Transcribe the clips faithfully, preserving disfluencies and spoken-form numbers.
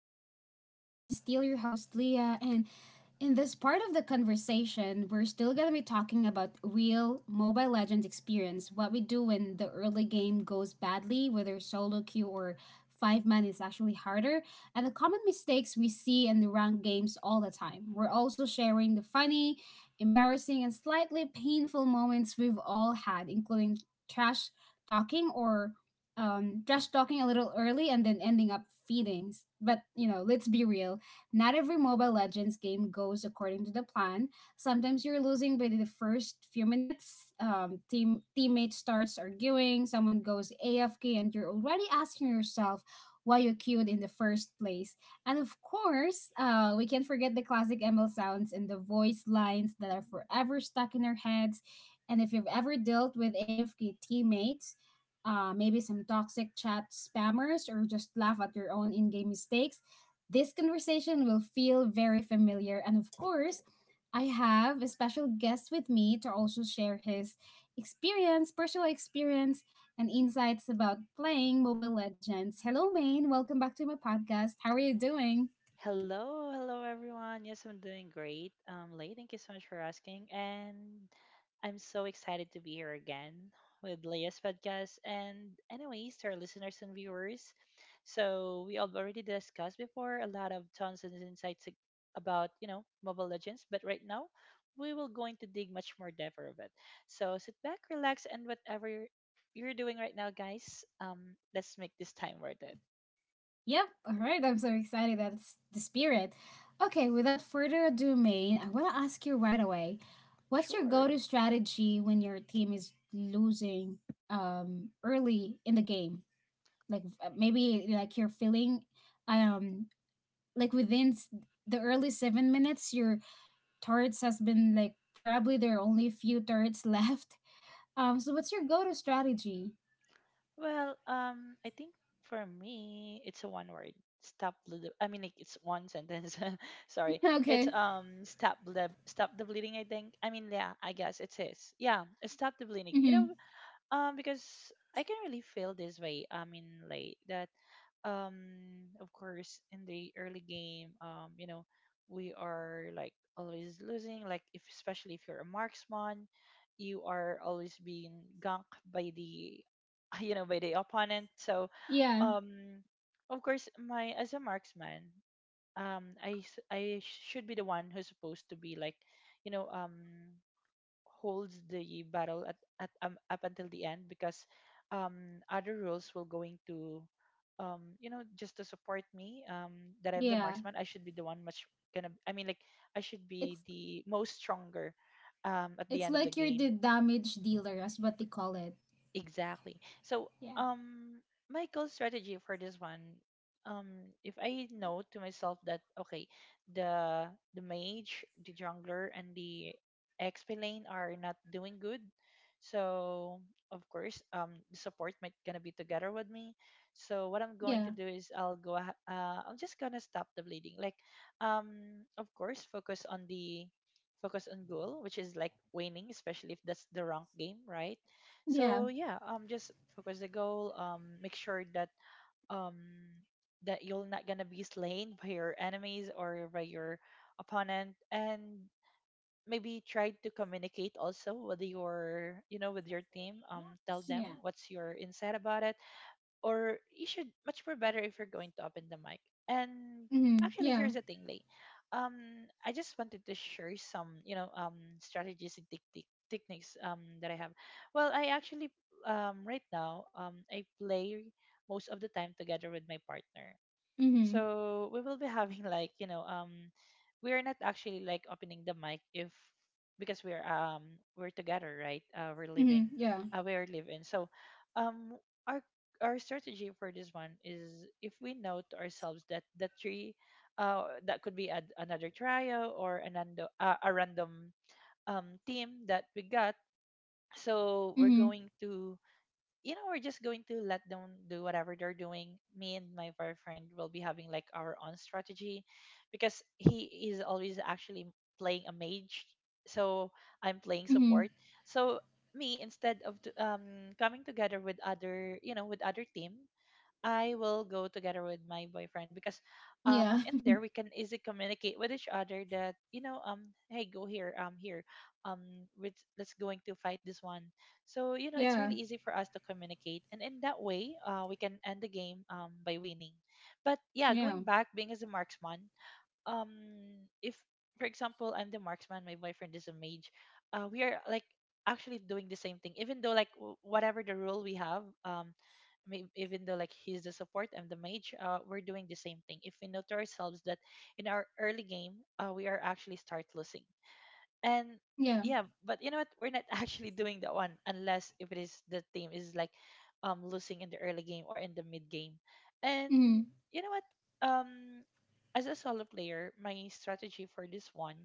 to the podcast. This is still your host, Leah, and in this part of the conversation, we're still going to be talking about real Mobile Legends experience, what we do when the early game goes badly, whether solo queue or five man is actually harder, and the common mistakes we see in the ranked games all the time. We're also sharing the funny, embarrassing, and slightly painful moments we've all had, including trash talking or um, trash talking a little early and then ending up feedings. But you know, let's be real. Not every Mobile Legends game goes according to the plan. Sometimes you're losing within the first few minutes. Um, team teammate starts arguing. Someone goes A F K, and you're already asking yourself why you queued in the first place. And of course, uh, we can't forget the classic M L sounds and the voice lines that are forever stuck in our heads. And if you've ever dealt with A F K teammates, uh, maybe some toxic chat spammers, or just laugh at your own in game mistakes, this conversation will feel very familiar. And of course, I have a special guest with me to also share his experience, personal experience, and insights about playing Mobile Legends. Hello, Maine. Welcome back to my podcast. How are you doing? Hello, hello everyone. Yes, I'm doing great. Um, Lay, thank you so much for asking, and I'm so excited to be here again with Leia's podcast. And anyways, to our listeners and viewers, so we have already discussed before a lot of tons and insights ag- about you know Mobile Legends, but right now we will going to dig much more deeper of it. So sit back, relax, and whatever you're, you're doing right now, guys, um, let's make this time worth it. Yep, alright, I'm so excited. That's the spirit. Okay, without further ado, Maine, I want to ask you right away, what's your go Sure. to strategy when your team is losing, um, early in the game? Like, uh, maybe like you're feeling, um like within s- the early seven minutes, your turrets has been, like, probably there are only a few turrets left, um so what's your go-to strategy? Well, um, I think for me, it's a one word. Stop. ble- I mean, like, it's one sentence. Sorry. It's Okay. um, stop. Ble- stop the bleeding. I think. I mean, yeah. I guess it's his. Yeah. Stop the bleeding. You hmm. know, um, because I can really feel this way. I mean, like that um of course in the early game um you know we are like always losing like if especially if you're a marksman, you are always being ganked by the you know by the opponent. So Yeah, um of course my as a marksman, um i s- I should be the one who's supposed to be like, you know um holds the battle at, at um, up until the end, because um, other rules will going to um, you know just to support me, um, that I'm the yeah. marksman. I should be the one much gonna I mean like, I should be it's the most stronger um, at the It's end of the like you're game. the damage dealer, as what they call it. Exactly. So, Yeah. um, my goal strategy for this one, um, if I know to myself that okay, the the mage, the jungler, and the X P lane are not doing good, so of course, um, the support might gonna be together with me. So what I'm going to Yeah. do is I'll go, ah- uh, I'm just gonna stop the bleeding. Like, um, of course, focus on the focus on goal, which is like winning, especially if that's the rank game, right? Yeah. So yeah, um just focus the goal, um make sure that um that you're not gonna be slain by your enemies or by your opponent, and maybe try to communicate also with your, you know with your team. Um tell them Yeah. what's your insight about it, or you should much more better if you're going to open the mic. And Mm-hmm. actually, Yeah. here's the thing, Lay. Um, I just wanted to share some, you know, um, strategies and tactic techniques um, that I have. Well, I actually, um, right now, um, I play most of the time together with my partner. Mm-hmm. So we will be having like, you know, um we are not actually like opening the mic if, because we're um we're together, right? Uh we're living, Mm-hmm. Yeah. uh we are living. So um our our strategy for this one is, if we know to ourselves that the three, uh that could be ad- another trio or an ando- uh, a random um team that we got. So we're Mm-hmm. going to, you know, we're just going to let them do whatever they're doing. Me and my boyfriend will be having like our own strategy, because he is always actually playing a mage. So I'm playing Mm-hmm. support. So me, instead of t- um coming together with other, you know, with other team, I will go together with my boyfriend, because um Yeah. in there we can easily communicate with each other that, you know um hey, go here, um here, um with, let's going to fight this one. So you know it's really Yeah. easy for us to communicate, and in that way uh we can end the game um by winning. But yeah, going Yeah. back, being as a marksman, um if for example I'm the marksman, my boyfriend is a mage, uh we are like actually doing the same thing, even though like w- whatever the role we have, um may- even though like he's the support, I'm the mage, uh we're doing the same thing, if we note to ourselves that in our early game uh we are actually start losing. And Yeah. yeah, but you know what, we're not actually doing that one, unless if it is the team is like um losing in the early game or in the mid game. And Mm-hmm. you know what, um as a solo player, my strategy for this one,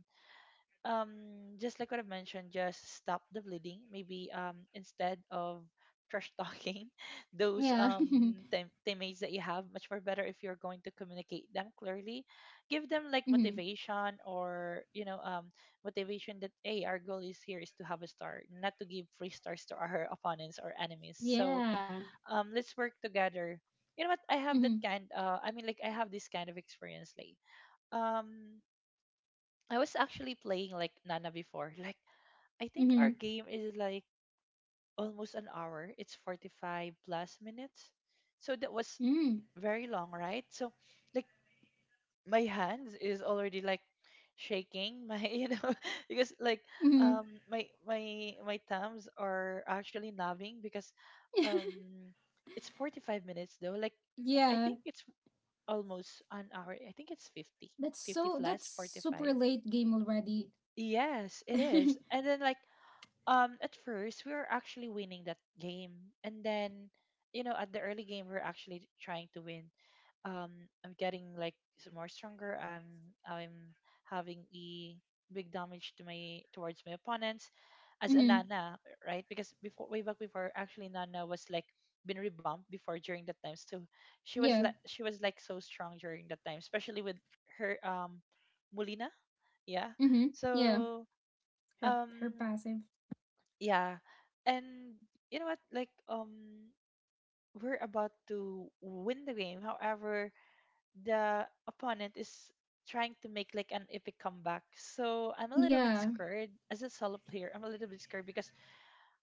um, just like what I have mentioned, just stop the bleeding. Maybe, um, instead of trash talking, those Yeah. um team- teammates that you have, much more better if you're going to communicate them clearly. Give them like Mm-hmm. motivation, or you know um motivation that hey, our goal is here is to have a star, not to give free stars to our opponents or enemies. So Yeah. um, let's work together. You know what? I have that Mm-hmm. kind. Uh, I mean, like I have this kind of experience, like um I was actually playing like Nana before. Like I think our Mm-hmm. game is like almost an hour. It's forty-five plus minutes. So that was Mm-hmm. very long, right? So like my hands is already like shaking my, you know because like Mm-hmm. um my my my thumbs are actually numbing, because um it's forty-five minutes though, like I Yeah. think it's almost an hour, I think it's 50 That's 50 so that's plus forty-five. super late game already. Yes, it Mm-hmm. is. And then like um at first we were actually winning that game, and then, you know, at the early game we are actually trying to win. Um I'm getting like s- more stronger. I'm I'm having a big damage to my towards my opponents, as a Nana, right? Because before, way back before, actually Nana was like been rebumped before during that time. So she was Yeah. like she was like so strong during that time, especially with her um Mulina. Yeah. Mm-hmm. Yeah. So Her her um passive. yeah. And you know what, like um we're about to win the game, however the opponent is trying to make like an epic comeback. So I'm a little bit Yeah. scared, as a solo player I'm a little bit scared, because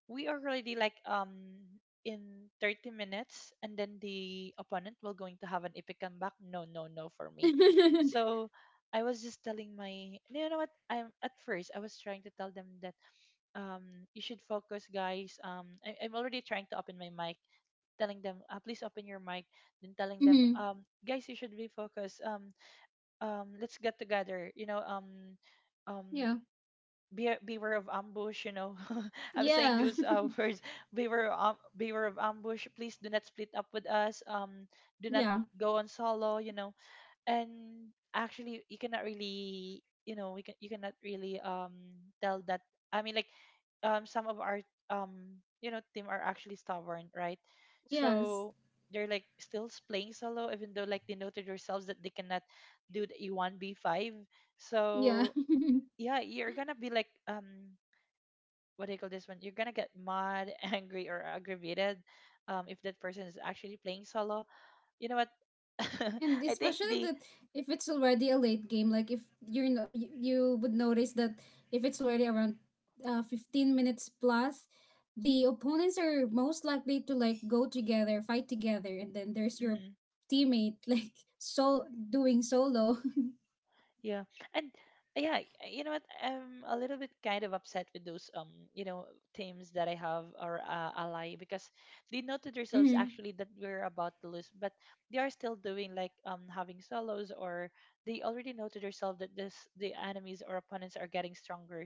we are already like um in thirty minutes, and then the opponent will going to have an epic comeback. No, no, no for me. Mm-hmm. So I was just telling my, you know what, I'm at first I was trying to tell them that um, you should focus, guys. Um, I, I'm already trying to open my mic, telling them, uh, please open your mic, then telling them, um, guys, you should be focused. Um, um, let's get together. You know, um, um, Yeah. be beware of ambush. You know, I'm saying Yeah. those uh, words. Beware, um, beware of ambush. Please do not split up with us. Um, do not Yeah. go on solo. You know, and actually you cannot really, you know we can you cannot really um tell that, I mean like, um some of our um you know team are actually stubborn, right? Yes. So they're like still playing solo, even though like they know to themselves that they cannot do the e one b five. Yeah. So yeah, you're gonna be like um what do you call this one, you're gonna get mad, angry or aggravated, um if that person is actually playing solo. You know what? And I think especially the that, if it's already a late game, like if you're no, you, you would notice that, if it's already around, uh, fifteen minutes plus, the opponents are most likely to, like, go together, fight together, and then there's your mm-hmm. teammate like so doing solo. Yeah. And uh, yeah, y- you know what? I'm a little bit kind of upset with those, um, you know, teams that I have, or uh, ally, because they know to themselves Mm-hmm. actually that we're about to lose, but they are still doing like um having solos, or they already know to themselves that this the enemies or opponents are getting stronger,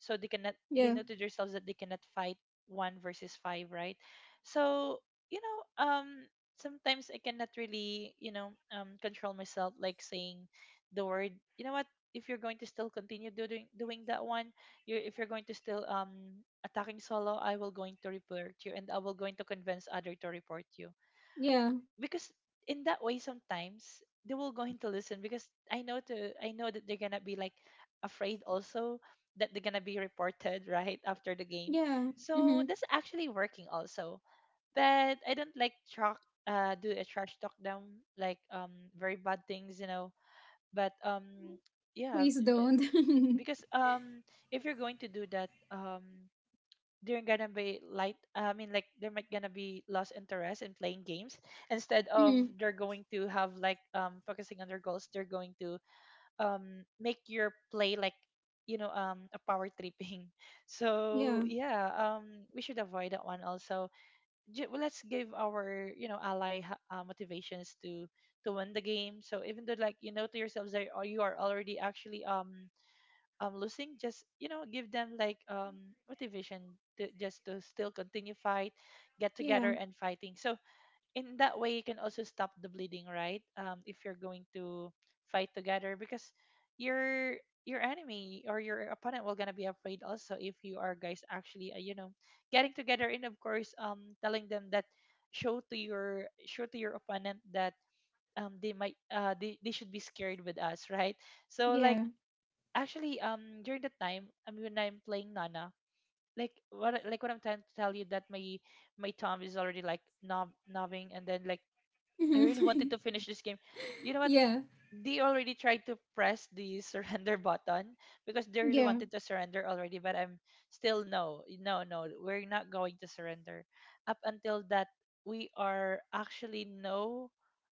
so they cannot, they Yeah, know to themselves that they cannot fight one versus five, right? So you know um. Sometimes I cannot really, you know, um, control myself, like saying the word you know what, if you're going to still continue doing doing that one, you're if you're going to still um attacking solo, I will going to report you, and I will going to convince other to report you, yeah, because in that way sometimes they will going to listen, because i know to I know that they're gonna be like afraid also that they're gonna be reported right after the game. yeah. So Mm-hmm. that's actually working also. But I don't like talk, uh do a trash talk them, like um very bad things, you know but um yeah Please don't. because um if you're going to do that um they're gonna be light I mean like there might gonna be lost interest in playing games. Instead of Mm-hmm. they're going to have like um focusing on their goals, they're going to um make your play like, you know, um a power tripping. So Yeah, yeah, um we should avoid that one also. Ju- well, let's give our, you know, ally ha- uh, motivations to to win the game. So even though like you know to yourselves that, oh, you are already actually um um losing, just, you know, give them like um motivation to just to still continue fight, get yeah, together and fighting. So in that way you can also stop the bleeding, right? Um, if you're going to fight together, because your your enemy or your opponent will gonna be afraid also, if you are guys actually, uh, you know, getting together, and of course um telling them that, show to your show to your opponent that um they might uh they, they should be scared with us, right? So like yeah. actually um during the time, I mean, when I'm playing Nana, like what I- like what I'm trying to tell you, that my my thumb is already like knob knobbing, and then like I really Mm-hmm. wanted to finish this game. You know what? Yeah. They already tried to press the surrender button because they really Yeah. wanted to surrender already, but I'm still no, no, no, we're not going to surrender, up until that we are actually no,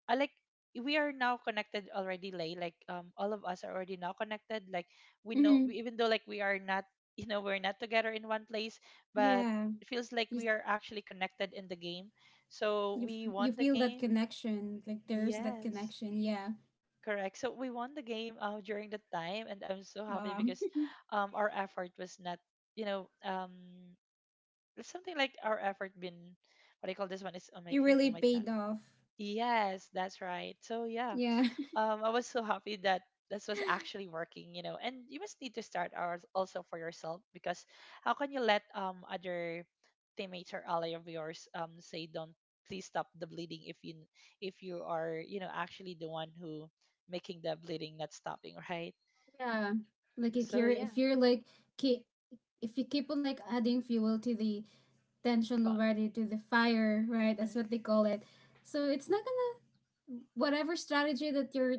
I like We are now connected already, Lay. Like, um, all of us are already now connected. Like we know, Hmm. we- even though like we are not, you know, we're not together in one place, but Yeah, it feels like you s- we are actually connected in the game. So you we f- you won the feel that game. connection. Like there's that Yes, connection. Yeah. correct. So we won the game, uh, during that time, and I'm so happy Wow. because, um, our effort was not, you know, um, it's something like our effort been, what do you call this one? It's on my It team for really my time. paid off. Yes, that's right. So yeah, Yeah. um, I was so happy that this was actually working, you know. And you must need to start ours also for yourself, because how can you let um other teammates or ally of yours um say don't, please stop the bleeding, if you, if you are, you know, actually the one who making the bleeding not stopping, right? Yeah. Like, if So you're yeah, if you're like, keep if you keep on, like, adding fuel to the tension fun. already, to the fire, right? That's Hmm. what they call it. So it's not gonna whatever strategy that you're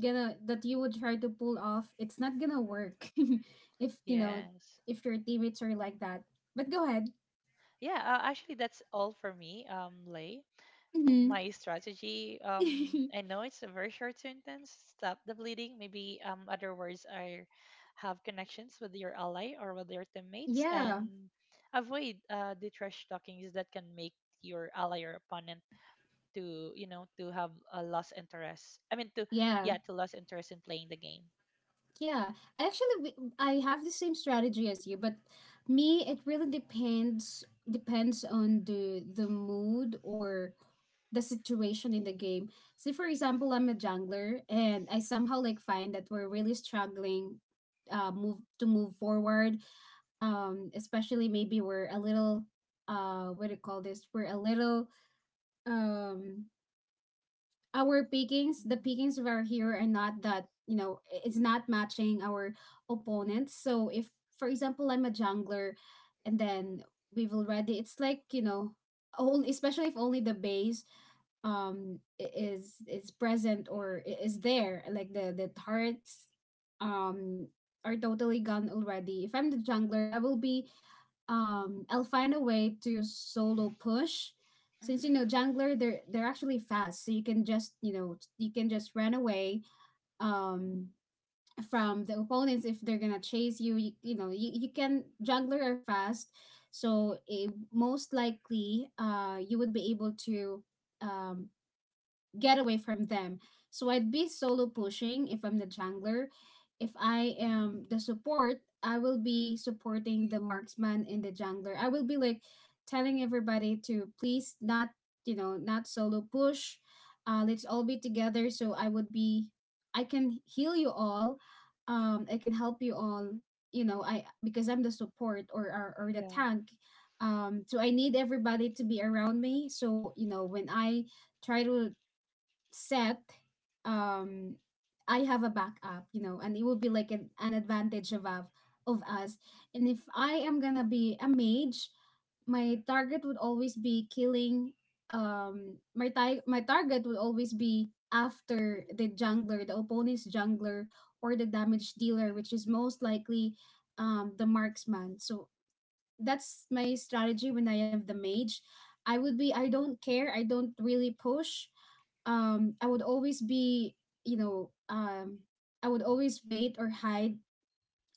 gonna that you would try to pull off, it's not gonna work. if you know Yes. if your teammates are like that. But go ahead. Yeah, uh, actually that's all for me, um, Lay. For Hmm. my strategy, um, I know it's a very short sentence. Stop the bleeding. Maybe um, other words are have connections with your ally or with your teammates, Yeah, and avoid uh, the trash talkings that can make your ally or opponent to, you know, to have a lost interest. I mean to yeah, Yeah, to lose interest in playing the game. yeah. I actually w- I have the same strategy as you, but me it really depends depends on the the mood or the situation in the game. Say for example, I'm a jungler and I somehow like find that we're really struggling, uh move to move forward. Um especially maybe we're a little, uh what do you call this? We're a little um our pickings, the Mm, pickings of our hero are not that, you know, it's not matching our opponents. So if, for example, I'm a jungler, and then we've already, it's like, you know, only, especially if only the base um i- is is present, or i- is there, like, the the turrets um are totally gone already. If I'm the jungler, I will be — um I'll find a way to solo push, since you know hmm, jungler, they're they're actually fast, so you can just you know you can just run away, um from the opponents. If they're gonna chase you, you, you know you, you can jungler are fast, so, it, most likely, uh you would be able to, um get away from them. So I'd be solo pushing if I'm the jungler. If I am the support, I will be supporting the marksman and the jungler. I will be, like, telling everybody to please not, you know, not solo push. Uh, let's all be together. So, I would be, I can heal you all. Um, I can help you all. You know, I because I'm the support, or or, or the yeah, tank. Um, so I need everybody to be around me. So, you know, when I try to set um I have a backup, you know and it will be like an, an advantage, of av- of us. And if I am gonna be a mage, my target would always be killing, um my ti- my target would always be after the jungler, the opponent's jungler, or the damage dealer, which is most likely, um the marksman. So that's my strategy when I have the mage. I would be I don't care. I don't really push. Um I would always be, you know, um I would always wait or hide,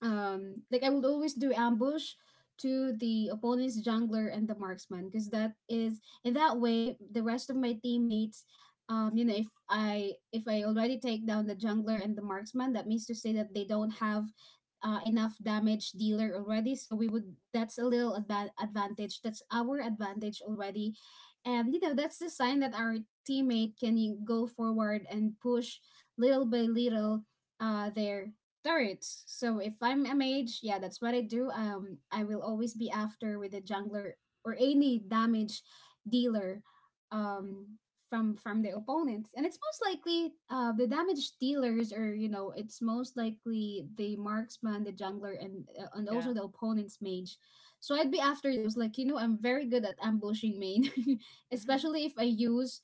um like I would always do ambush to the opponent's jungler and the marksman, because that is — in that way the rest of my teammates, um you know if I if I already take down the jungler and the marksman, that means to say that they don't have, uh, enough damage dealer already, so we would that's a little adva- advantage, that's our advantage already, and you know that's the sign that our teammate can y- go forward and push little by little, uh their turrets. So if I'm a mage, yeah, that's what I do. Um, I will always be after with a jungler or any damage dealer, hmm, um, from from the opponents. And it's most likely, uh, the damage dealers, or you know it's most likely the marksman, the jungler, and uh, and also yeah, the opponent's mage. So I'd be after those. Like, you know, I'm very good at ambushing, Main, hmm, especially if I use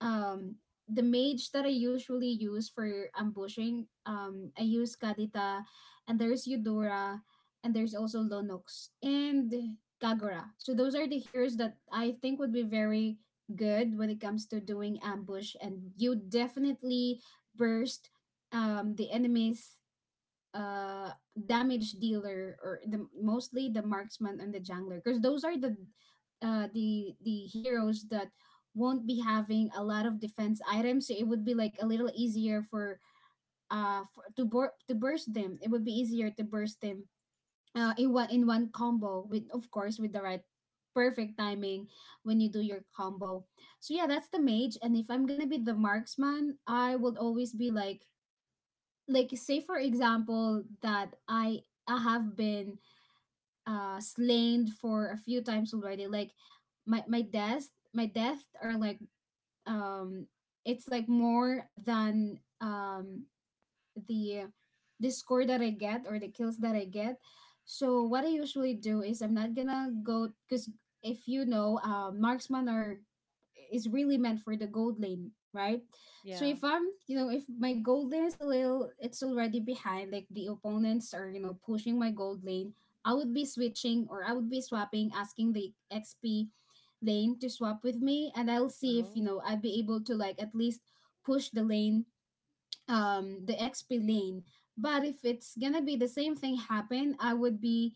um the mage that I usually use for ambushing. um, I use Kadita, and there's Eudora, and there's also Lonox and Kagura. So those are the heroes that I think would be very good when it comes to doing ambush, and you definitely burst, um, the enemies, uh damage dealer, or the mostly the marksman and the jungler, because those are the, uh the the heroes that won't be having a lot of defense items, so it would be like a little easier for uh for, to bur- to burst them. It would be easier to burst them, uh in one in one combo with, of course, with the right perfect timing when you do your combo. So yeah, that's the mage. And if I'm gonna be the marksman, I will always be like like say for example that I I have been uh slain for a few times already. Like, my my death my death are like, um it's like more than, um the the score that I get, or the kills that I get. So what I usually do is, I'm not gonna go, because, if you know, uh, marksman are is really meant for the gold lane, right? So, yeah. if I'm, you know, if my gold lane is a little, it's already behind, like the opponents are, you know, pushing my gold lane, I would be switching, or I would be swapping, asking the X P lane to swap with me, and I'll see if, you Oh, know, I'd be able to, like, at least push the lane um the X P lane. But if it's gonna be the same thing happen, I would be,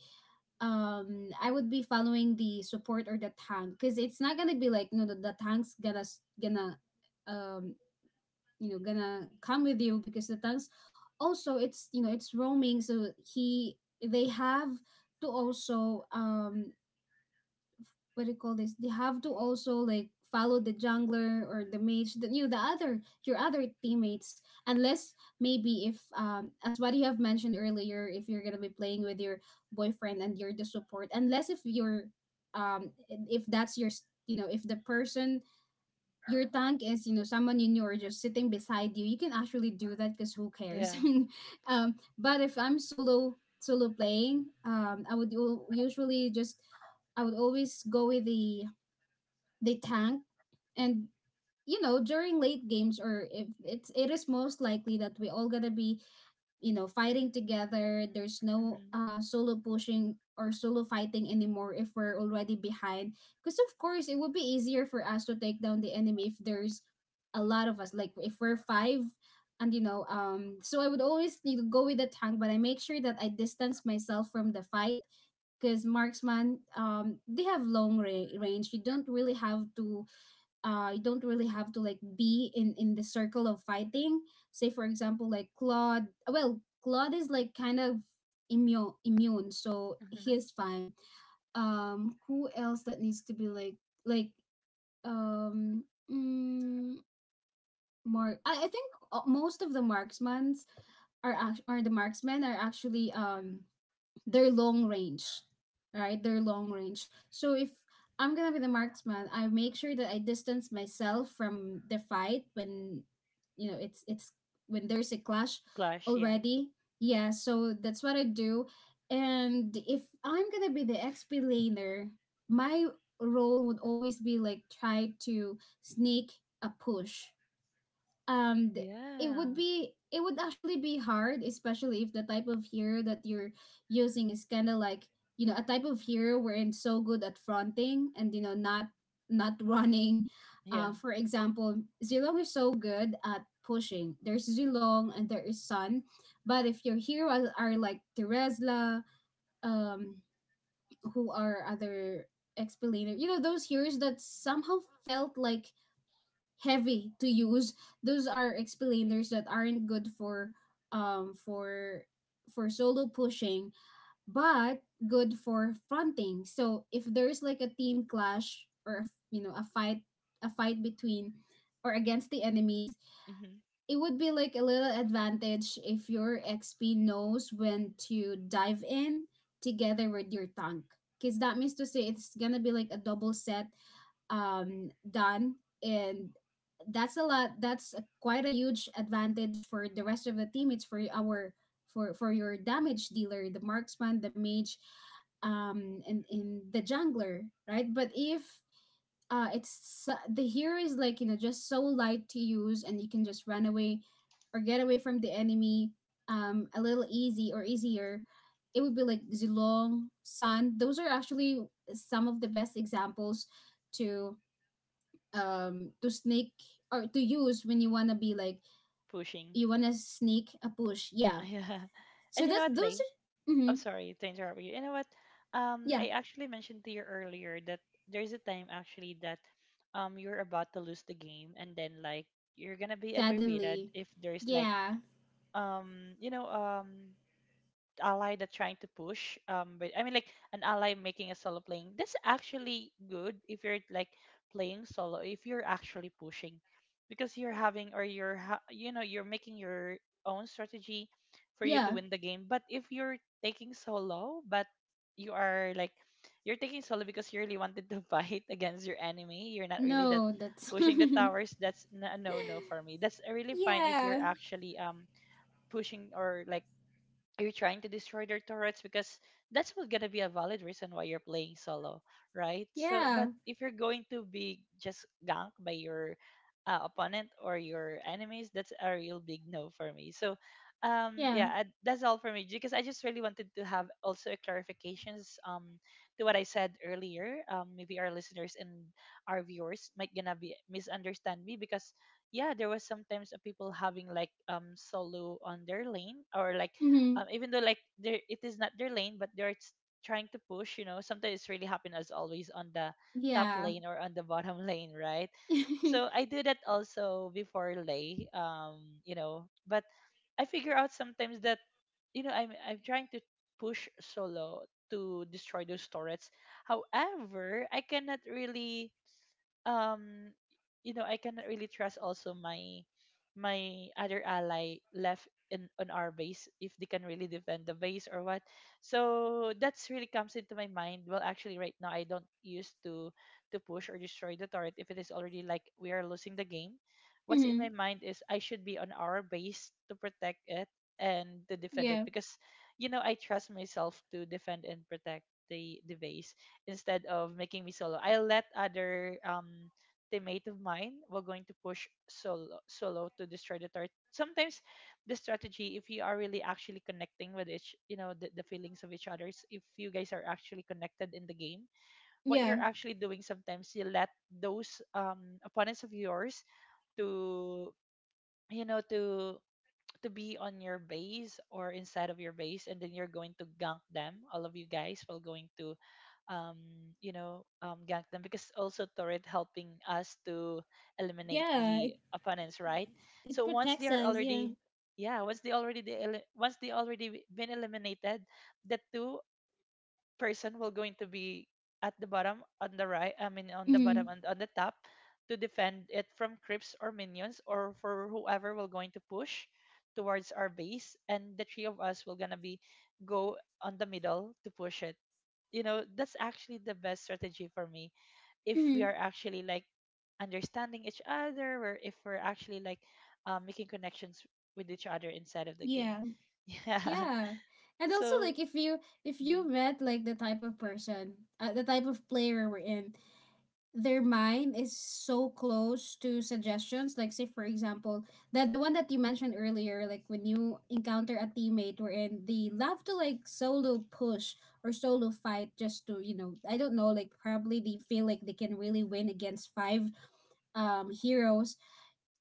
um I would be following the support or the tank, because it's not gonna be like, no, the, the tank's gonna s- gonna um you know gonna come with you, because the tank's also, it's you know it's roaming, so he they have to also, um what do you call this? They have to also like follow the jungler or the mage, the you know, the other your other teammates. Unless maybe if um as what you have mentioned earlier, if you're gonna be playing with your boyfriend and you're the support, unless if you're um if that's your s- you know if the person your tank is you know someone you knew or just sitting beside you, you can actually do that because who cares. yeah. Um but if I'm solo solo playing, um I would u- usually just, I would always go with the the tank. And you know during late games, or if it's it is most likely that we all gonna be, you know fighting together, there's no Hmm. uh solo pushing or solo fighting anymore if we're already behind, because of course it would be easier for us to take down the enemy if there's a lot of us, like if we're five. And you know um so I would always, you know, go with the tank, but I make sure that I distance myself from the fight because marksman, um they have long ra- range. You don't really have to uh you don't really have to like be in in the circle of fighting. Say for example like Claude, well Claude is like kind of immune immune, so he's fine. Um who else that needs to be like like um mm, mark I, I think uh, most of the marksmans are act- or the marksmen are actually um their long range, right? Their long range. So if I'm gonna be the marksman, I make sure that I distance myself from the fight when, you know it's it's when there's a clash Clash, yeah. already. Yeah, so that's what I do. And if I'm gonna be the X P laner, my role would always be like try to sneak a push. And it Yeah. would be, it would actually be hard, especially if the type of hero that you're using is kind of like, you know a type of hero wherein so good at fronting and you know not not running. Yeah. Uh, for example, Zilong is so good at pushing. There's Zilong and there is Sun. But if your heroes are like Teresla, um who are other explainer, you know those heroes that somehow felt like heavy to use, those are explainers that aren't good for um for for solo pushing, but good for fronting. So if there's like a team clash or a f- you know a fight, a fight between or against the enemies, Hmm. it would be like a little advantage if your XP knows when to dive in together with your tank, because that means to say it's gonna be like a double set, um, done, and that's a lot. That's a, quite a huge advantage for the rest of the team. It's for our, for for your damage dealer, the marksman, the mage, um, and in the jungler, right? But if uh, it's so- the hero is like, you know just so light to use, and you can just run away or get away from the enemy um a little easy or easier. It would be like Zilong, Sun. Those are actually some of the best examples to um to sneak or to use when you wanna be like, Pushing. you wanna sneak a push. Yeah. Yeah. And So you know that's, what, those Lay? are, mm-hmm. I'm sorry to interrupt you. You know what? Um, yeah. I actually mentioned to you earlier that there's a time actually that um you're about to lose the game, and then like you're gonna be aggravated Suddenly. if there's like Yeah. um you know um ally that's trying to push, um but I mean like an ally making a solo playing, that's actually good if you're like playing solo, if you're actually pushing, because you're having or you're ha- you know, you're making your own strategy for you to Yeah. win the game. But if you're taking solo, but you are like, you're taking solo because you really wanted to fight against your enemy, you're not really that No, that's. pushing the towers, that's n- a no no for me. That's really fine if Yeah. you're actually um pushing, or like you're trying to destroy their turrets, because that's what gonna be a valid reason why you're playing solo, right? So, Yeah. but if you're going to be just ganked by your uh, opponent or your enemies, that's a real big no for me. So, um, yeah, Yeah. I, that's all for me, because I just really wanted to have also a clarifications um to what I said earlier. Um, maybe our listeners and our viewers might gonna be misunderstand me, because yeah, there was sometimes, uh, people having like um solo on their lane, or like um, Mm-hmm. even though like there it is not their lane, but they're s- trying to push. You know, sometimes it's really happen as always on the top Yeah. lane or on the bottom lane, right? Mm-hmm. So I do that also before, lay, um, you know, but I figure out sometimes that you know, I'm I'm trying to push solo to destroy those turrets. However, I cannot really um you know I cannot really trust also my my other ally left in on our base, if they can really defend the base or what. So that's really comes into my mind. Well, actually, right now I don't use to to push or destroy the turret if it is already like we are losing the game. What's in my mind is I should be on our base to protect it and to defend it, Yeah. because you know, I trust myself to defend and protect the the base, instead of making me solo. I let other um teammate of mine were going to push solo solo to destroy the turret. Sometimes the strategy, if you are really actually connecting with each, you know, the, the feelings of each others, if you guys are actually connected in the game, what Yeah. you're actually doing sometimes, you let those um opponents of yours to, you know, to to be on your base or inside of your base, and then you're going to gank them, all of you guys, while going to um you know um gank them, because also turret helping us to eliminate Yeah. the It opponents, right? it So once they protects are us, yeah. already, yeah, once they already they, once they already been eliminated, the two person will going to be at the bottom on the right i mean on the bottom Mm-hmm. and on the top, to defend it from creeps or minions or for whoever will going to push towards our base, and the three of us will gonna be go on the middle to push it. You know, that's actually the best strategy for me, if we Mm-hmm. are actually like understanding each other, or if we're actually like, uh, making connections with each other inside of the game. Yeah. Yeah, Yeah. And also so like if you, if you mhm, met like the type of person, uh, the type of player we're in, their mind is so close to suggestions. Like say for example, that the one that you mentioned earlier, like when you encounter a teammate wherein they love to like solo push or solo fight just to, you know, I don't know, like probably they feel like they can really win against five um heroes,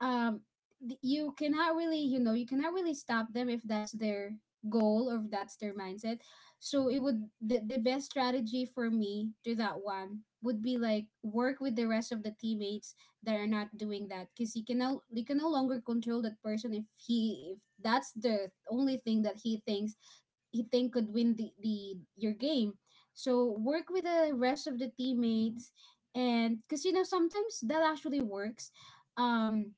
um th- you cannot really, you know you cannot really stop them if that's their goal or if that's their mindset. So it would, the, the best strategy for me to that one would be like work with the rest of the teammates that are not doing that, because you can no, you can no longer control that person if he, if that's the only thing that he thinks he think could win the, the your game. So work with the rest of the teammates. And because you know sometimes that actually works. um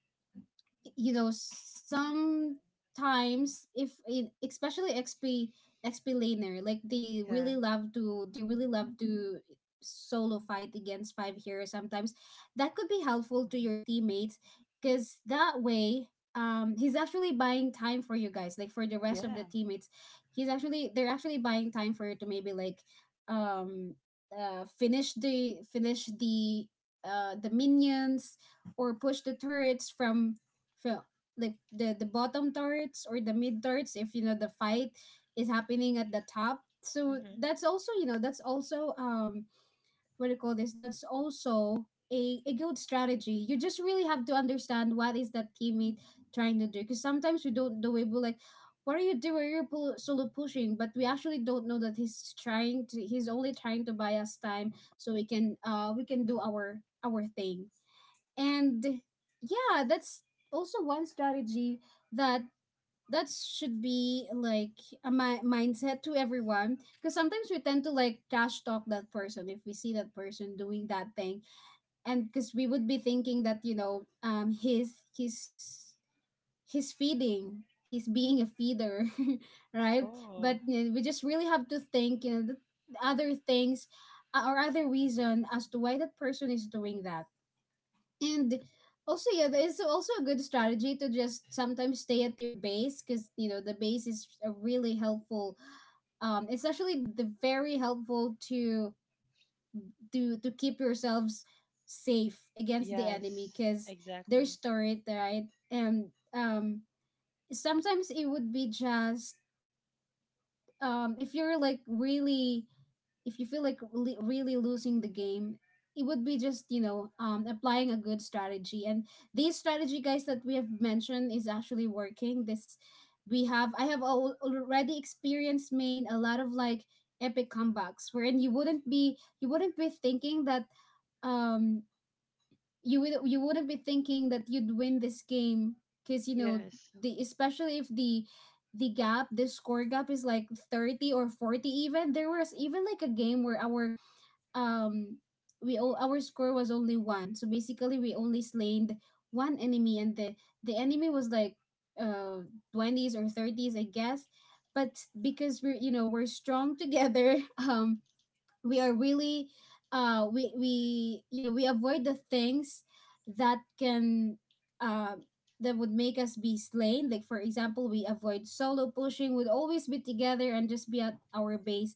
you know Sometimes if it, especially xp xp laner, like they yeah, really love to they really love to solo fight against five heroes sometimes. That could be helpful to your teammates, because that way, um he's actually buying time for you guys, like for the rest of the yeah. teammates. He's actually they're actually buying time for you to maybe like um uh finish the finish the uh the minions, or push the turrets from, feel, like the the bottom turrets or the mid turrets, if you know the fight is happening at the top. So that's also, you know that's also, um what do you call this, that's also a, a good strategy. You just really have to understand what is that teammate trying to do, because sometimes we don't do it, we're like, what are you doing, you're pu- solo pushing, but we actually don't know that he's trying to he's only trying to buy us time so we can uh we can do our our thing. And yeah, that's also one strategy that, that should be like a mi- mindset to everyone, because sometimes we tend to like trash talk that person if we see that person doing that thing. And because we would be thinking that, you know um he's he's he's feeding, he's being a feeder. Right? But Oh, you know, we just really have to think, you know the other things, uh, or other reason as to why that person is doing that. And also, yeah, it's also a good strategy to just sometimes stay at your base, because you know the base is a really helpful. Um, it's actually the very helpful to to to keep yourselves safe against the enemy, yes, because they're exactly. storied, right? And um, sometimes it would be just, um if you're like really, if you feel like really, really losing the game, it would be just, you know um applying a good strategy. And these strategy guys that we have mentioned is actually working. This we have, I have al- already experienced main a lot of like epic comebacks wherein you wouldn't be you wouldn't be thinking that, um you would you wouldn't be thinking that you'd win this game, because you know Yes, the especially if the the gap, the score gap is like thirty or forty. Even there was even like a game where our, um we o- our score was only one, so basically we only slain one enemy, and the the enemy was like uh twenties or thirties, I guess. But because we're, you know we're strong together, um we are really, uh we we, you know we avoid the things that can, uh that would make us be slain, like for example, we avoid solo pushing, would always be together and just be at our base.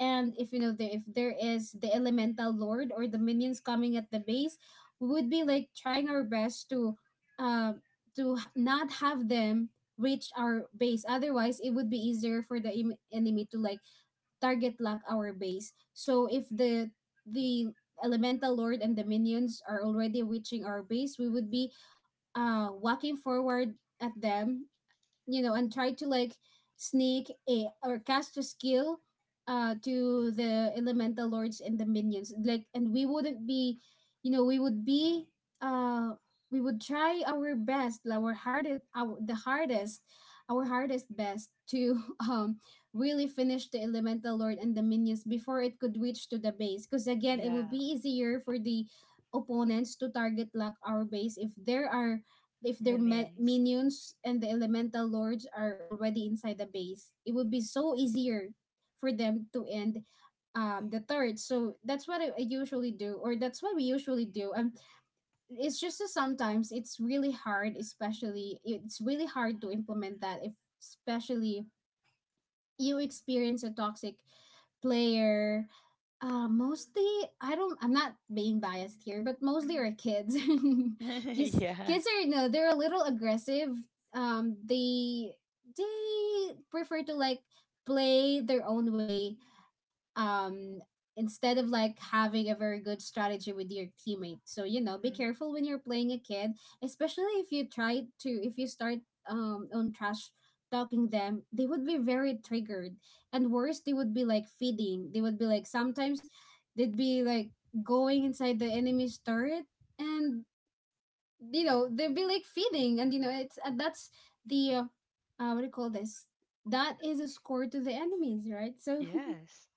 And if, you know the, if there is the elemental lord or the minions coming at the base, we would be like trying our best to uh, to h- not have them reach our base, otherwise it would be easier for the em- enemy to like target lock our base. So if the the elemental lord and the minions are already reaching our base, we would be uh walking forward at them, you know, and try to like sneak a or cast a skill uh to the elemental lords and the minions. Like and we wouldn't be, you know, we would be uh we would try our best, our hardest our the hardest our hardest best to um really finish the elemental lord and the minions before it could reach to the base, because again it yeah, would be easier for the opponents to target lock our base if there are, if their ma- minions. minions and the elemental lords are already inside the base, it would be so easier for them to end um the turret. So that's what I, I usually do, or that's what we usually do. Um, it's just that sometimes it's really hard, especially it's really hard to implement that if, especially you experience a toxic player, uh, mostly, i don't I'm not being biased here, but mostly Hmm. are kids. kids Yeah. kids are no, they're a little aggressive. um they they prefer to like play their own way, um instead of like having a very good strategy with your teammate. So you know be Hmm. careful when you're playing a kid, especially if you try to, if you start um on trash talking them, they would be very triggered, and worse they would be like feeding, they would be like sometimes they'd be like going inside the enemy's turret. And you know they'd be like feeding, and you know it's, and that's the uh, uh what do you call this, that is a score to the enemies, right? So Yes,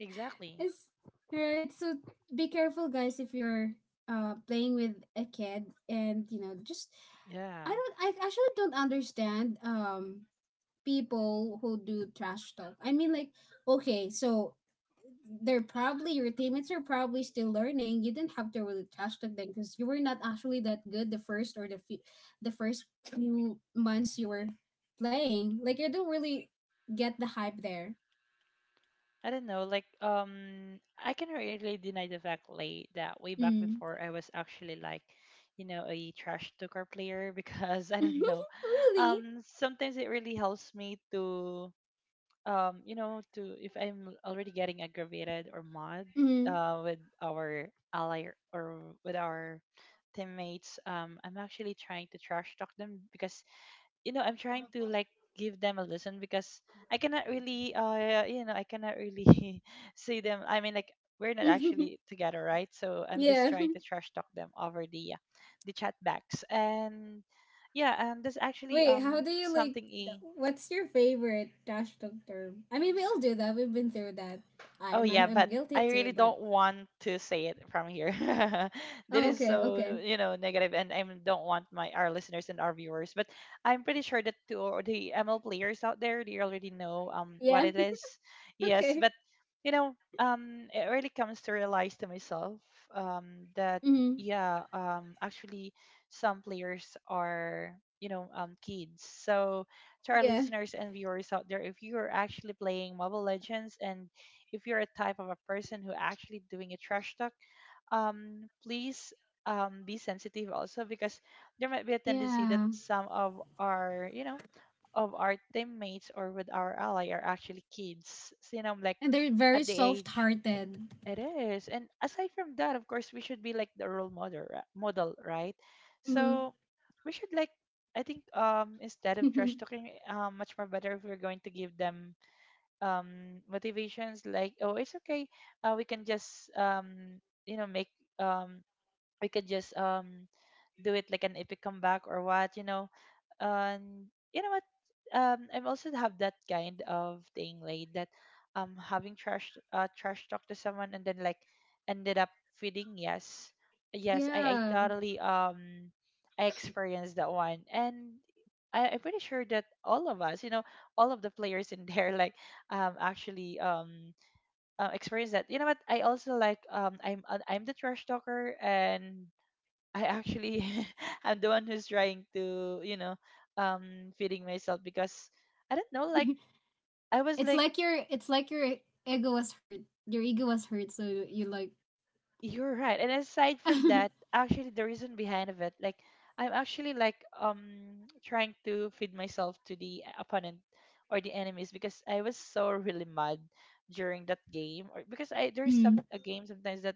exactly. yes, right. So be careful, guys, if you're uh playing with a kid. And you know, just, Yeah. I don't, I actually don't understand um people who do trash talk. I mean, like, okay, so they're probably, your teammates are probably still learning. You didn't have to really trash talk them because you were not actually that good the first or the few, the first few months you were playing. Like, I don't really get the hype there. I don't know, like, um I can really deny the fact, like, that way back Mm. before, I was actually like, you know, a trash talker player, because I don't know. Really? Um sometimes it really helps me to, um you know to if I'm already getting aggravated or mad Mm. uh with our ally, or with our teammates, um I'm actually trying to trash talk them, because you know, I'm trying to like give them a listen, because I cannot really, uh you know I cannot really see them, I mean like, we're not actually together, right? So I'm just Yeah. trying to trash talk them over the uh, the chat backs. And yeah, and there's actually Wait, how um do you like? something th- a What's your favorite trash talk term? I mean, we all do that. We've been through that. Oh I'm yeah, I'm, I'm but guilty I too. really But don't want to say it from here. That oh, is okay, okay. so, you know, negative, and I don't want my our listeners and our viewers, but I'm pretty sure that to all the M L players out there, they already know um what Yeah. it is. Yes, Okay. but you know, um it really comes to realize to myself um that Mm-hmm. yeah, um actually some players are, you know, um kids. So to our Yeah. listeners and viewers out there, if you are actually playing Mobile Legends, and if you're a type of a person who actually doing a trash talk, um, please um, be sensitive also, because there might be a tendency that Yeah. some of our, you know, of our teammates, or with our ally are actually kids. So, you know, like And they're very at the soft age hearted. it is. And aside from that, of course, we should be like the role model, ri- model, right? Mm-hmm. So we should like, I think, um, instead of trash talking, um, much more better if we're going to give them um, motivations like, oh, it's okay. Uh, we can just, um, you know, make, um, we could just um, do it like an epic comeback or what, you know. And you know what, um I have also have that kind of thing like that, um having trash uh trash talk to someone, and then like ended up feeding. Yes, yes, i i Yeah. totally um I experienced that one. And I, I'm pretty sure that all of us, you know, all of the players in there, like um actually um uh, experience that. You know what, I also like, um I'm uh, I'm the trash talker, and I actually I'm the one who's trying to, you know, um feeding myself, because I don't know, like I was it's like, like your it's like your ego was hurt. Your ego was hurt, so you, you like. you're right. And aside from that, actually the reason behind of it, like I'm actually like um trying to feed myself to the opponent or the enemies because I was so really mad during that game or because I there's some Mm. a game sometimes that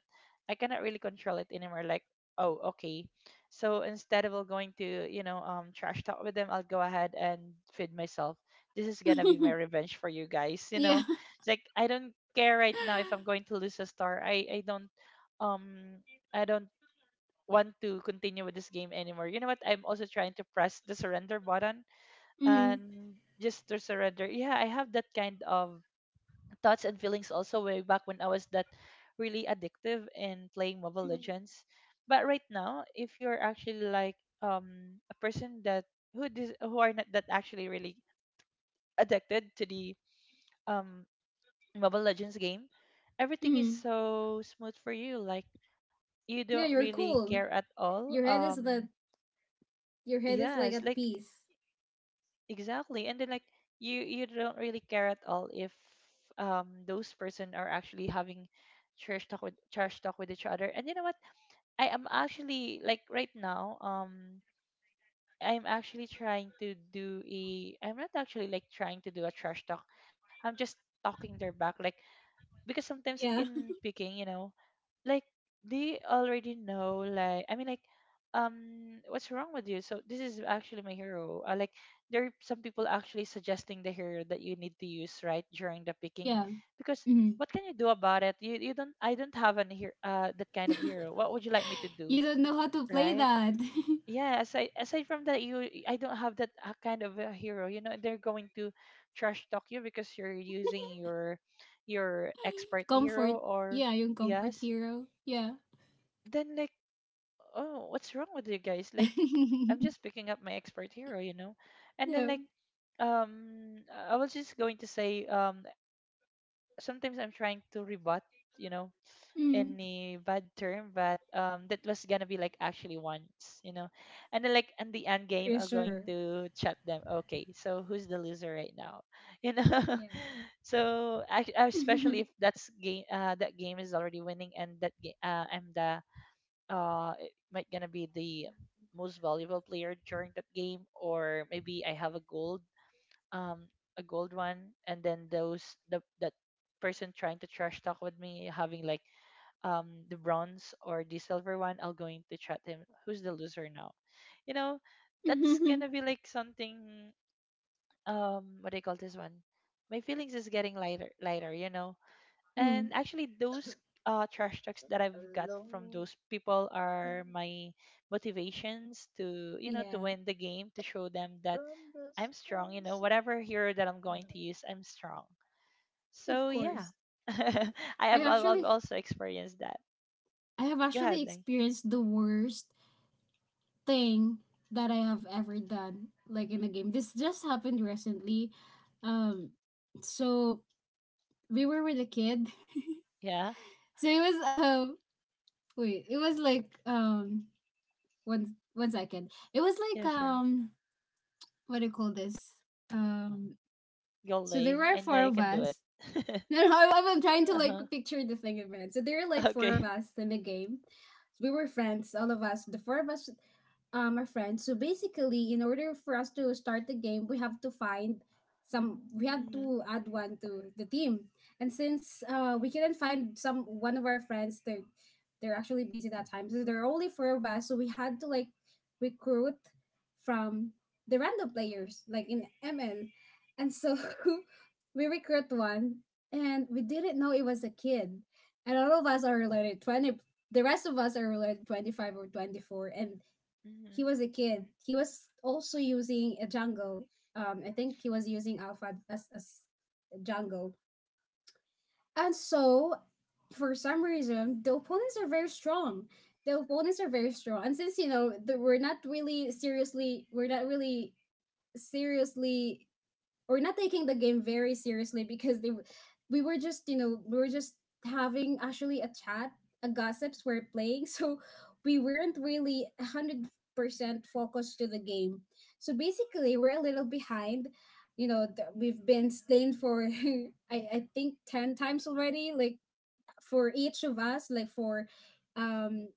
I cannot really control it anymore like oh okay. So instead of going to, you know, um trash talk with them, I'll go ahead and feed myself. This is gonna be my revenge for you guys, you Yeah. know. It's like I don't care right now if I'm going to lose a star. I I don't um I don't want to continue with this game anymore. You know what? I'm also trying to press the surrender button Mm-hmm. and just to surrender. Yeah, I have that kind of thoughts and feelings also way back when I was that really addictive in playing Mobile Legends. But right now, if you're actually like um a person that who dis- who are not that actually really addicted to the um Mobile Legends game, everything is Mm-hmm. so smooth for you. Like you don't Yeah, you're really cool. care at all, Your head is the um your head is yes, like at like peace. exactly, and then like you you don't really care at all if um those person are actually having trash talk with trash talk with each other. And you know what, I am actually like right now, um I'm actually trying to do a I'm not actually like trying to do a trash talk. I'm just talking their back like, because sometimes Yeah. in picking, you know, like they already know, like I mean, like, um what's wrong with you? So this is actually my hero. Uh, like there are some people actually suggesting the hero that you need to use right during the picking Yeah. because Mhm. what can you do about it? You you don't I don't have an hero uh that kind of hero. What would you like me to do? You don't know how to play Right? that. Yeah, aside aside from that, you, I don't have that uh, kind of a hero. You know they're going to trash talk you because you're using your your expert hero, Comfort. or Yeah, yung comfort yes, hero. Yeah. then like oh what's wrong with you guys, like I'm just picking up my expert hero, you know, and then Yeah. like um I was just going to say, um sometimes I'm trying to rebut, you know, Mm. any bad term, but um, that was gonna be like actually once, you know. And then like in the end game, I'm going Reassure. to chat them. Okay, so who's the loser right now? You know, Yeah. so I, I- especially if that's game, uh, that game is already winning, and that game, uh, I'm the uh, it might gonna be the most valuable player during that game, or maybe I have a gold, um, a gold one, and then those the that person trying to trash talk with me having like um, the bronze or the silver one, I'll going to chat him who's the loser now. You know, that's gonna be like something, um what do you call this one? My feelings is getting lighter lighter, you know. Mm. And actually those uh trash talks that I've got from those people are my motivations to, you know, to Yeah. win the game, to show them that I'm strong, you know, whatever hero that I'm going to use, I'm strong. So Of yeah. course. I I have I've I've actually also experienced that. I have Go actually ahead, Lay. experienced the worst thing that I have ever done, like in a Mhm. game. This just happened recently. Um, so we were with a kid. Yeah, So it was um wait, it was like um one one second. It was yeah, like sure. um what do you call this? Um Go, so there Lay. were I know four you of can do it. us. No, no, I'm, I'm trying to like Uh-huh. picture the thing in my head. So there are like four Okay. of us in the game. So we were friends, all of us. The four of us um, are friends. So basically, in order for us to start the game, we have to find some. We have to Mhm. add one to the team. And since uh, we couldn't find some one of our friends, they're they're actually busy that time. So there are only four of us. So we had to like recruit from the random players, like in M L. And so we recruit one, and we didn't know it was a kid. And all of us are related twenty. The rest of us are related twenty five or twenty four, and he Mhm. was a kid. He was also using a Django. Um, I think he was using Alpha as as Django, and so for some reason the opponents are very strong. The opponents are very strong, and since you know the, we're not really seriously, we're not really seriously or not taking the game very seriously, because they w- we were just you know we were just having actually a chat, a gossips we're playing. So we weren't really one hundred percent focused to the game. So basically we're a little behind. You know th- we've been slain for I, I think ten times already, like for each of us, like for um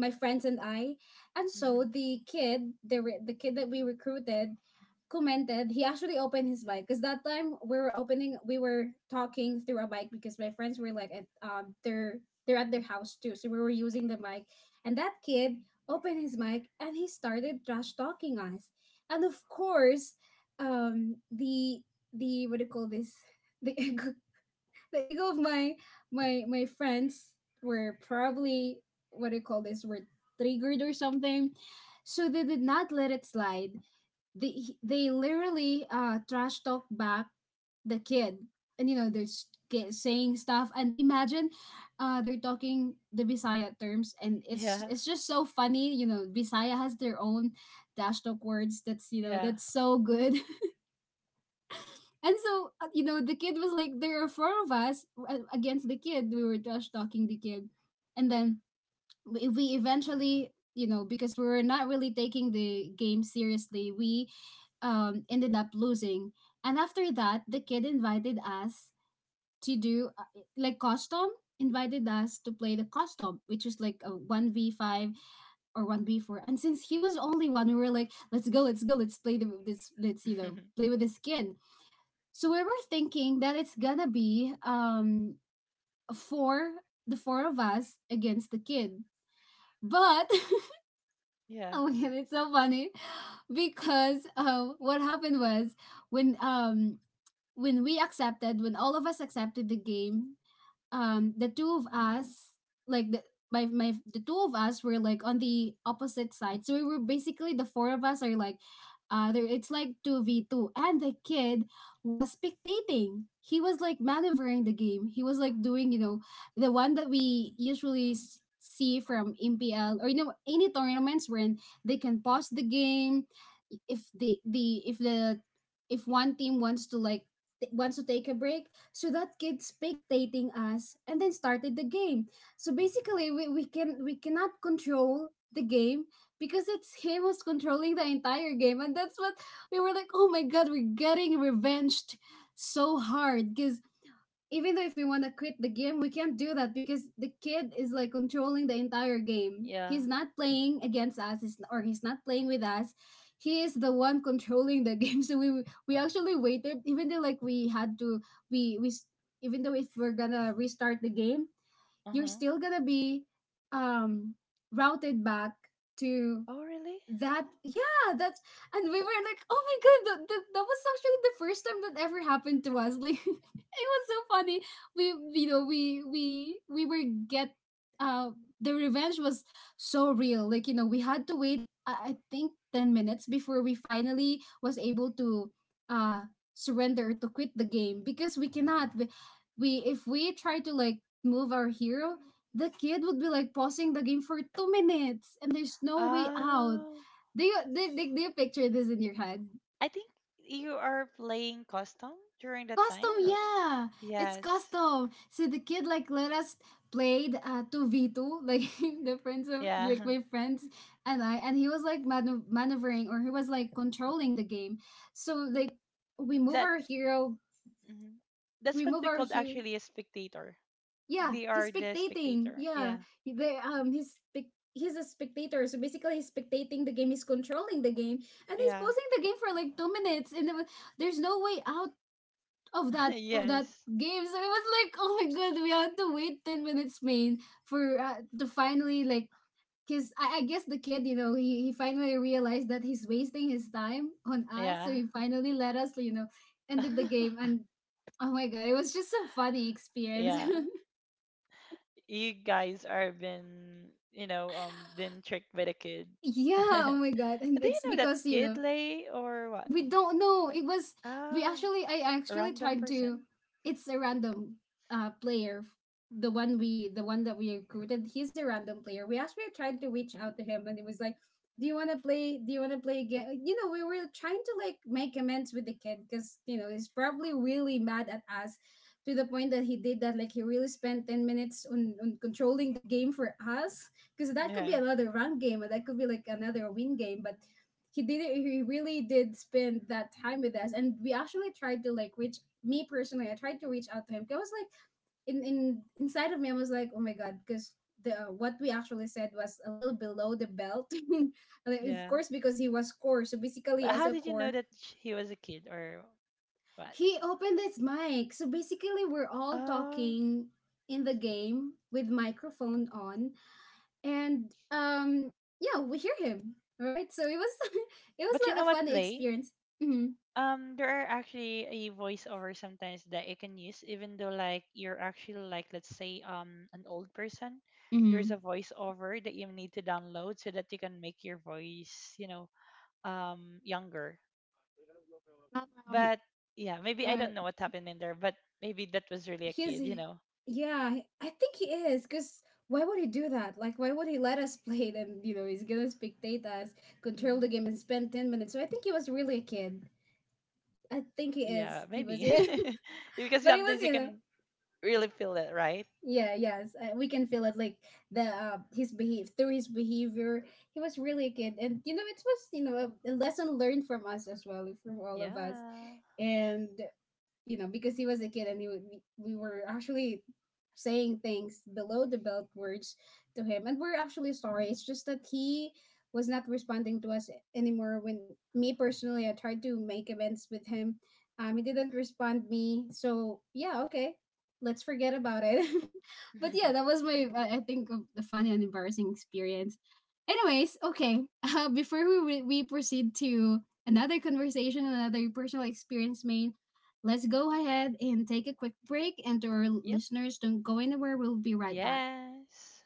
my friends and I. And so Mhm. the kid, the re- the kid that we recruited, commented. He actually opened his bike because that time we were opening, we were talking through a bike because my friends were like at um they're they're at their house too, so we were using the mic. And that kid opened his mic and he started trash talking us. And of course, um the the what do you call this? The the ego of my my my friends were probably, what do you call this, were triggered or something, so they did not let it slide. They they literally uh trash talk back the kid, and you know they're s- ki- saying stuff. And imagine uh they're talking the bisaya terms, and it's Yeah. it's just so funny. You know, bisaya has their own trash talk words, that's you know Yeah. that's so good. And so, uh, you know, the kid was like, there are four of us uh, against the kid. We were trash talking the kid. And then we, we eventually, you know, because we were not really taking the game seriously, we um, ended up losing. And after that, the kid invited us to do uh, like, custom, invited us to play the custom, which is like a one v five or one v four. And since he was only one, we were like, let's go, let's go, let's play the, this, let's, you know, play with this kid. So we were thinking that it's gonna be um four the four of us against the kid. But Yeah. oh my god, it's so funny because uh what happened was, when um when we accepted when all of us accepted the game, um the two of us, like the my my the two of us were like on the opposite side. So we were basically, the four of us are like, uh there it's like two v two, and the kid was spectating. He was like maneuvering the game, he was like doing, you know, the one that we usually s- see from mpl, or you know, any tournaments wherein they can pause the game if the the if the if one team wants to like t- wants to take a break. So that kid spectating us and then started the game. So basically we, we can we cannot control the game because it's him who's controlling the entire game. And that's what we were like, oh my god, we're getting revenged so hard, because even though if we want to quit the game, we can't do that because the kid is like controlling the entire game. Yeah. He's not playing against us, he's- or he's not playing with us. He is the one controlling the game. So we we actually waited, even though like we had to we we s- even though if we're gonna restart the game, you're Uh-huh. still gonna be um routed back to Oh, really? that. Yeah, that's and we were like, oh my god, that, that, that was actually the first time that ever happened to us, like. It was so funny. We you know we we we were get uh the revenge was so real, like. You know, we had to wait i, I think ten minutes before we finally was able to uh surrender to quit the game, because we cannot we, we if we try to like move our hero, the kid would be like pausing the game for two minutes, and there's no way out. Um, Do you do, do, do you picture this in your head? I think you are playing custom during that Custom, time, or yeah, it's yes. custom. So the kid like let us played uh two v two, like. The friends of, like, Yeah. my friends and I, and he was like manu- maneuvering, or he was like controlling the game. So like we move That, our hero, mhm. we That's what move we our called hero. actually a spectator. Yeah, They he's are the spectating. spectator. Yeah, Yeah. he- they um he's spec- he's a spectator. So basically, he's spectating the game. He's controlling the game, and he's Yeah. posing the game for like two minutes, and. It was, there's no way out of that, of that Yes. game. So it was like, oh my god, we had to wait ten minutes, man, for uh, to finally like, cause I, I guess the kid, you know, he, he finally realized that he's wasting his time on us, Yeah. so he finally let us, you know, ended the game. And oh my god, it was just a funny experience. Yeah. You guys are been, you know, um been tricked by the kid. Yeah, oh my god, and Do you it's know that because, you kid, know, Lay, or what? we don't know. It was, we Oh, actually I a actually random tried to person. it's a random uh player. The one we the one that we recruited, he's a random player. We actually tried to reach out to him, and it was like, Do you wanna play do you wanna play again? You know, we were trying to like make amends with the kid because, you know, he's probably really mad at us, to the point that he did that, like he really spent ten minutes on, on controlling the game for us, because that could Yeah. be another run game, or that could be like another win game, but he did it- he really did spend that time with us. And we actually tried to like reach. Me personally, I tried to reach out to him. I was like, in in inside of me, I was like, oh my god, because the what we actually said was a little below the belt. Like, of Yeah, course, because he was core, so basically but as how a did you know core, that sh- he was a kid or what? he opened his mic, so basically we're all Oh, talking in the game with microphone on, and um yeah, we hear him, right? So it was it was but you like know a what, fun Lay, experience. Mhm. um there are actually a voiceover sometimes that you can use even though like you're actually like let's say um an old person. There's Mm-hmm. a voiceover that you need to download so that you can make your voice, you know, um younger. Um, But yeah, maybe I uh, don't know what happened in there, but maybe that was really a he's kid, you know. Yeah, he- I think he is, because why would he do that? Like, why would he let us play it? And you know, he's gonna spectate us, control the Mhm. game, and spend ten minutes. So I think he was really a kid. I think he is. Yeah, He was, maybe. you Because but he was, sometimes you you know, can really feel it, right? yeah, yes, uh, we can feel it, like, the uh, his behave through his behavior. He was really a kid, and you know, it was, you know, a, a lesson learned from us as well, from all of us. Yeah. And you know, because he was a kid, and he, would- we, we were actually saying things below the belt words to him. And we're actually sorry. It's just that he was not responding to us anymore. When me personally, I tried to make amends with him. Um, he didn't respond me. So yeah, okay. Let's forget about it. But yeah, that was my, I I think, of the funny and embarrassing experience. Anyways, okay. Uh, before we, we we proceed to another conversation, another personal experience, main. Let's go ahead and take a quick break, and to our Yep. listeners, don't go anywhere. We'll be right back. Yes.